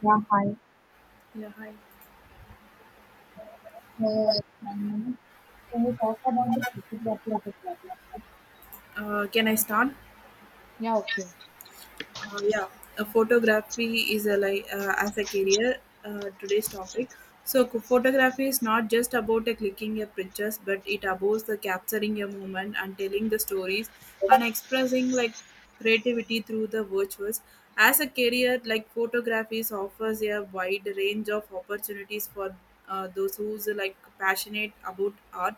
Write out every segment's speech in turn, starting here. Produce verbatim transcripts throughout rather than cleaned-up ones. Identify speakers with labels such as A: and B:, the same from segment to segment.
A: Yeah, hi.
B: Yeah, hi.
A: Uh, Manoj, can we talk about the photography population problem?
B: Uh, can I start?
A: Yeah, okay.
B: Uh, yeah, uh, Photography is a like uh, as a career uh, today's topic. So co- photography is not just about uh, clicking your pictures, but it about the capturing your moment and telling the stories and expressing like creativity through the virtuals. As a career, like photography is offers a wide range of opportunities for uh, those who's uh, like passionate about art,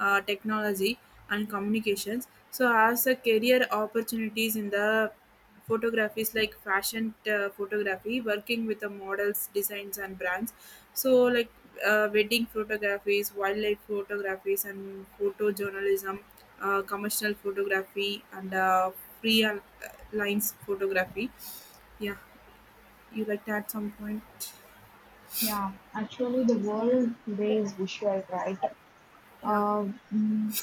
B: uh, technology, and communications. So, as a career opportunities in the photography is like fashion uh, photography working with the models designs and brands so like uh, wedding photographies wildlife photographies and photojournalism uh, commercial photography and uh, free uh, lines photography, yeah. You like that some point.
A: Yeah, actually, the world today is visual, right?
B: Yeah.
A: Uh, mm,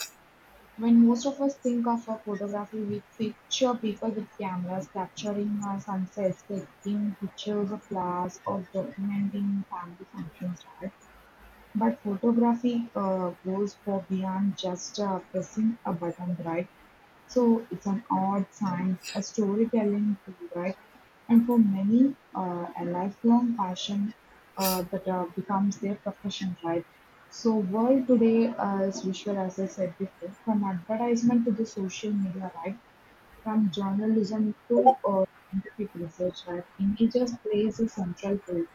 A: when most of us think of a photography, we picture people with cameras capturing uh, sunsets, taking pictures of flowers, or documenting family functions, right? But photography uh, goes for beyond just uh, pressing a button, right? So it's an art, science, a storytelling tool, right? And for many, uh, a lifelong passion uh, that uh, becomes their profession, right? So world today uh, is visual, as I said before, from advertisement to the social media, right? From journalism to uh, scientific research, right, images plays a central role.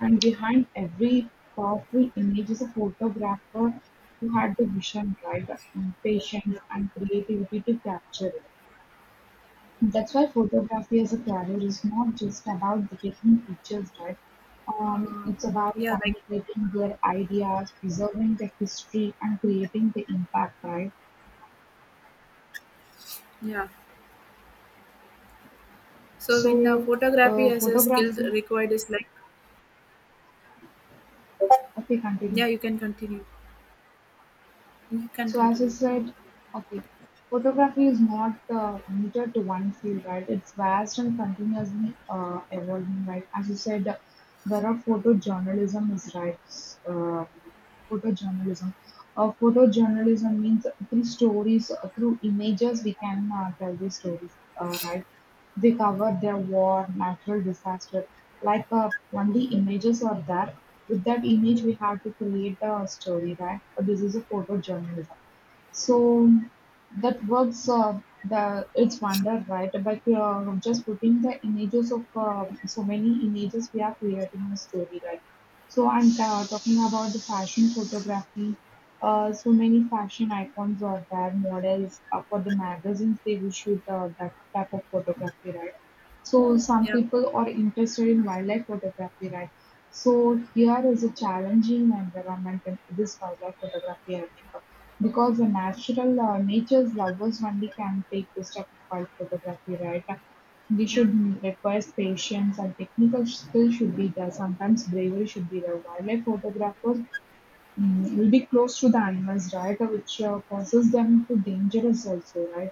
A: And behind every powerful image is a photographer who had the vision, right, and patience and creativity to capture it. That's why photography as a career is not just about the taking pictures, right? Um, it's about
B: yeah like
A: communicating their ideas, preserving the history, and creating the impact, right?
B: yeah So in uh,
A: So,
B: photography
A: uh,
B: as a skill
A: photography.
B: required is like,
A: Okay, continue.
B: yeah, you can continue. You can
A: So as you
B: continue.
A: said, okay, photography is not uh, limited to one field, right? It's vast and continuously uh, evolving, right? As you said, there are photojournalism is right. Uh, photojournalism. Uh, photojournalism means through stories, uh, through images, we can uh, tell these stories, uh, right? They cover their war, natural disaster, like a only images are there. With that image, we have to create a story, right? Uh, This is a photojournalism. So that works uh, the its wonder, right? By uh, just putting the images of uh, so many images, we are creating a story, right? So I'm uh, talking about the fashion photography. Uh, so many fashion icons or their models uh, for the magazines, they will shoot uh, that type of photography, right? So some
B: yeah
A: people are interested in wildlife photography, right? So here is a challenging environment in this wildlife photography, I think, because the natural uh, nature's lovers only can take this type of wild photography, right? We
B: yeah
A: should require patience and technical skill should be there. Sometimes bravery should be there. Wildlife photographers mm, will be close to the animals, right? Which uh, causes them to dangerous also, right?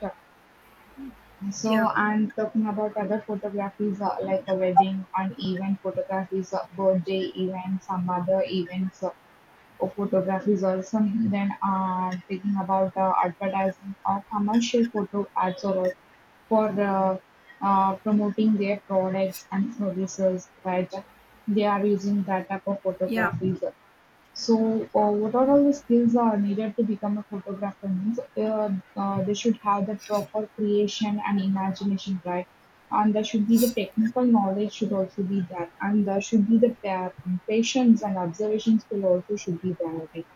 A: So
B: yeah
A: I'm talking about other photographies uh, like a wedding, an event photographies, uh, birthday events, some other events. Uh, or photographies also then uh, taking about uh, advertising or commercial photo ads or uh, for uh, uh, promoting their products and services, right, they are using that type of
B: yeah
A: photographies. So, uh, what are all the skills are needed to become a photographer? Means uh, uh, they should have the proper creation and imagination, right? And there should be the technical knowledge should also be there, and there should be the pa- patience and observation skill also should be there. I think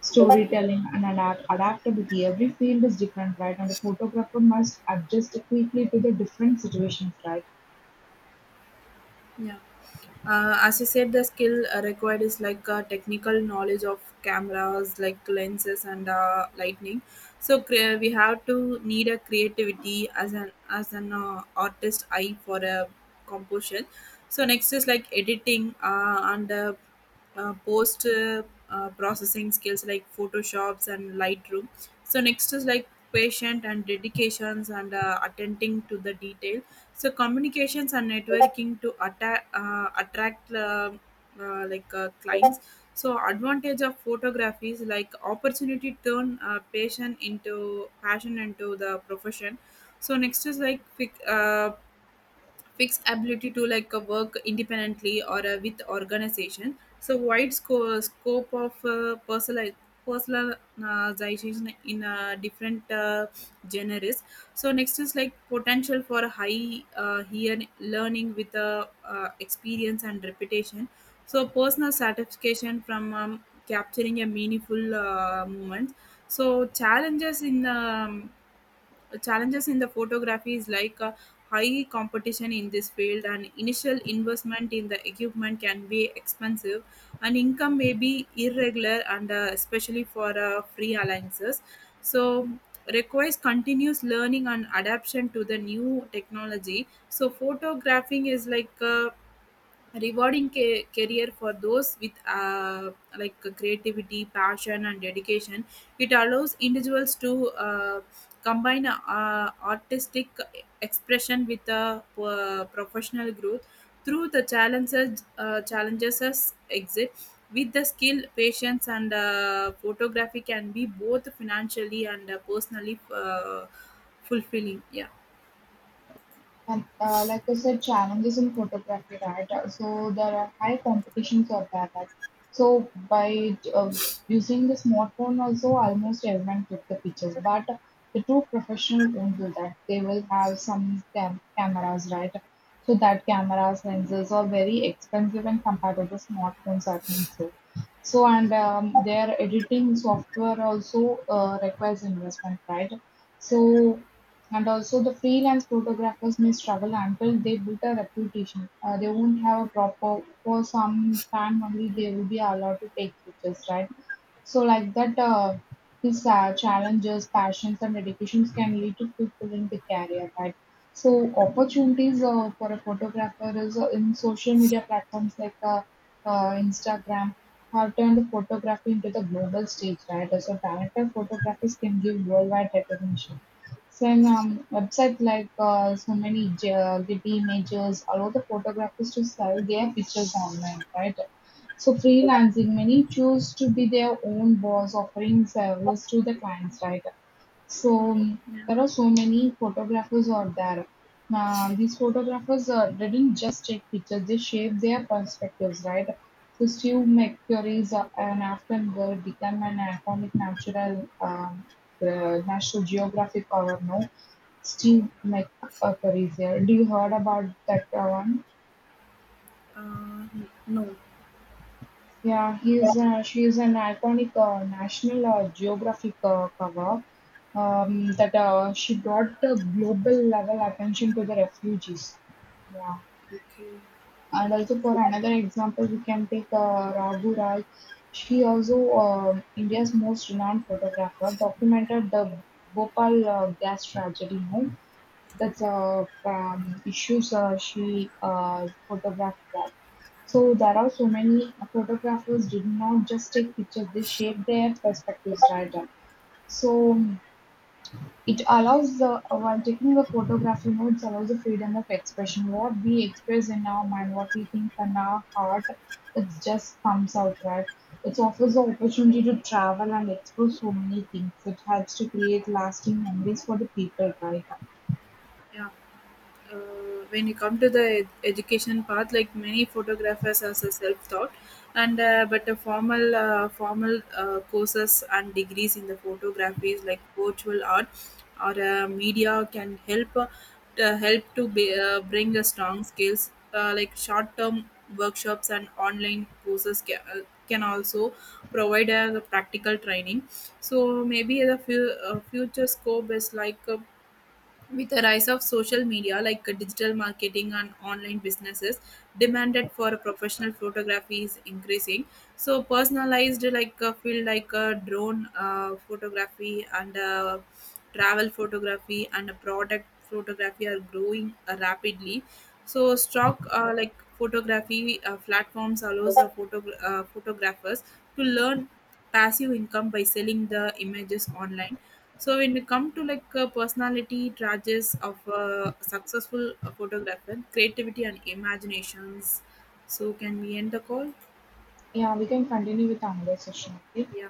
A: storytelling and adapt- adaptability. Every field is different, right? And the photographer must adjust quickly to the different situations, right?
B: yeah uh, as you said, the skill uh, required is like uh, technical knowledge of cameras like lenses and uh, lightning. So cre- we have to need a creativity as an as an uh, artist eye for a composition. So next is like editing uh, and uh, uh, post uh, uh, processing skills like photoshops and lightroom. So next is like patient and dedications and uh, attending to the detail. So communications and networking to atta- uh, attract uh, uh, like uh, clients. So advantage of photography is like opportunity to turn uh, passion into passion into the profession. So next is like fic- uh, fixed ability to like uh, work independently or uh, with organization. So wide sco- scope of uh, personal personalization in uh, different uh, genres. So next is like potential for high, uh, here learning with uh, uh, experience and reputation. So personal satisfaction from um, capturing a meaningful uh, moment. So challenges in um, challenges in the photography is like a high competition in this field, and initial investment in the equipment can be expensive, and income may be irregular, and uh, especially for uh, free alliances. So requires continuous learning and adaptation to the new technology. So photographing is like uh, rewarding ca- career for those with uh, like creativity, passion, and dedication. It allows individuals to uh, combine uh, artistic expression with uh, p- professional growth. Through the challenges uh, challenges as exit, with the skill, patience, and uh, photography can be both financially and uh, personally uh, fulfilling. Yeah.
A: And uh, like I said, challenges in photography, right? Uh, So there are high competition for that, right? So by uh, using the smartphone, also almost everyone took the pictures. But the true professional won't do that. They will have some cam- cameras, right? So that cameras, lenses are very expensive and compared to the smartphones, I think so. So and um, their editing software also uh, requires investment, right? So and also the freelance photographers may struggle until they build a reputation. Uh, they won't have a proper for some time only they will be allowed to take pictures, right? So like that, uh, these uh, challenges, passions, and dedications can lead to fulfilling the career, right? So opportunities uh, for a photographer is uh, in social media platforms like uh, uh, Instagram have turned photography into the global stage, right? So talented photographers can give worldwide recognition. So in um, websites like uh, so many J- uh, Getty Images allow the photographers to sell their pictures online, right? So freelancing, many choose to be their own boss, offering service to the clients, right? So um,
B: Yeah.
A: there are so many photographers out there. Uh, these photographers uh, didn't just take pictures; they shaped their perspectives, right? So Steve McCurry is uh, an Afghan girl, became an iconic natural um, uh, National Geographic cover. No, Steve McCurry is here. Do you heard about that uh, one?
B: uh, no.
A: Yeah, he is uh, she is an iconic uh, National uh, Geographic uh, cover um, that uh, she brought the global level attention to the refugees. Yeah.
B: Okay.
A: And also for another example, we can take uh, Raghu Raj. She also uh, India's most renowned photographer, documented the Bhopal uh, gas tragedy. You know? That's uh, um, issues uh, she uh, photographed that. So there are so many photographers did not just take pictures; they shaped their perspectives, right? So it allows the uh, while taking the photograph remotes allows the freedom of expression. What we express in our mind, what we think in our heart, it just comes out right. It offers the opportunity to travel and explore so many things. It helps to create lasting memories for the people, right?
B: Yeah uh, When you come to the ed- education path, like many photographers as a self taught, and uh, but a formal uh, formal uh, courses and degrees in the photography is like virtual art or uh, media can help uh, to help to be, uh, bring a strong skills, uh, like short term workshops and online courses can, uh, can also provide a practical training. So maybe the fu- uh, future scope is like, uh, with the rise of social media like uh, digital marketing and online businesses, demanded for professional photography is increasing. So personalized like uh, field like uh, drone uh, photography and uh, travel photography and uh, product photography are growing uh, rapidly. So stock uh, like photography uh, platforms allows the photo uh, photographers to learn passive income by selling the images online. So when you come to like uh, personality traits of a successful uh, photographer, creativity and imaginations. So can we end the call?
A: Yeah, we can continue with another session. Okay.
B: Yeah.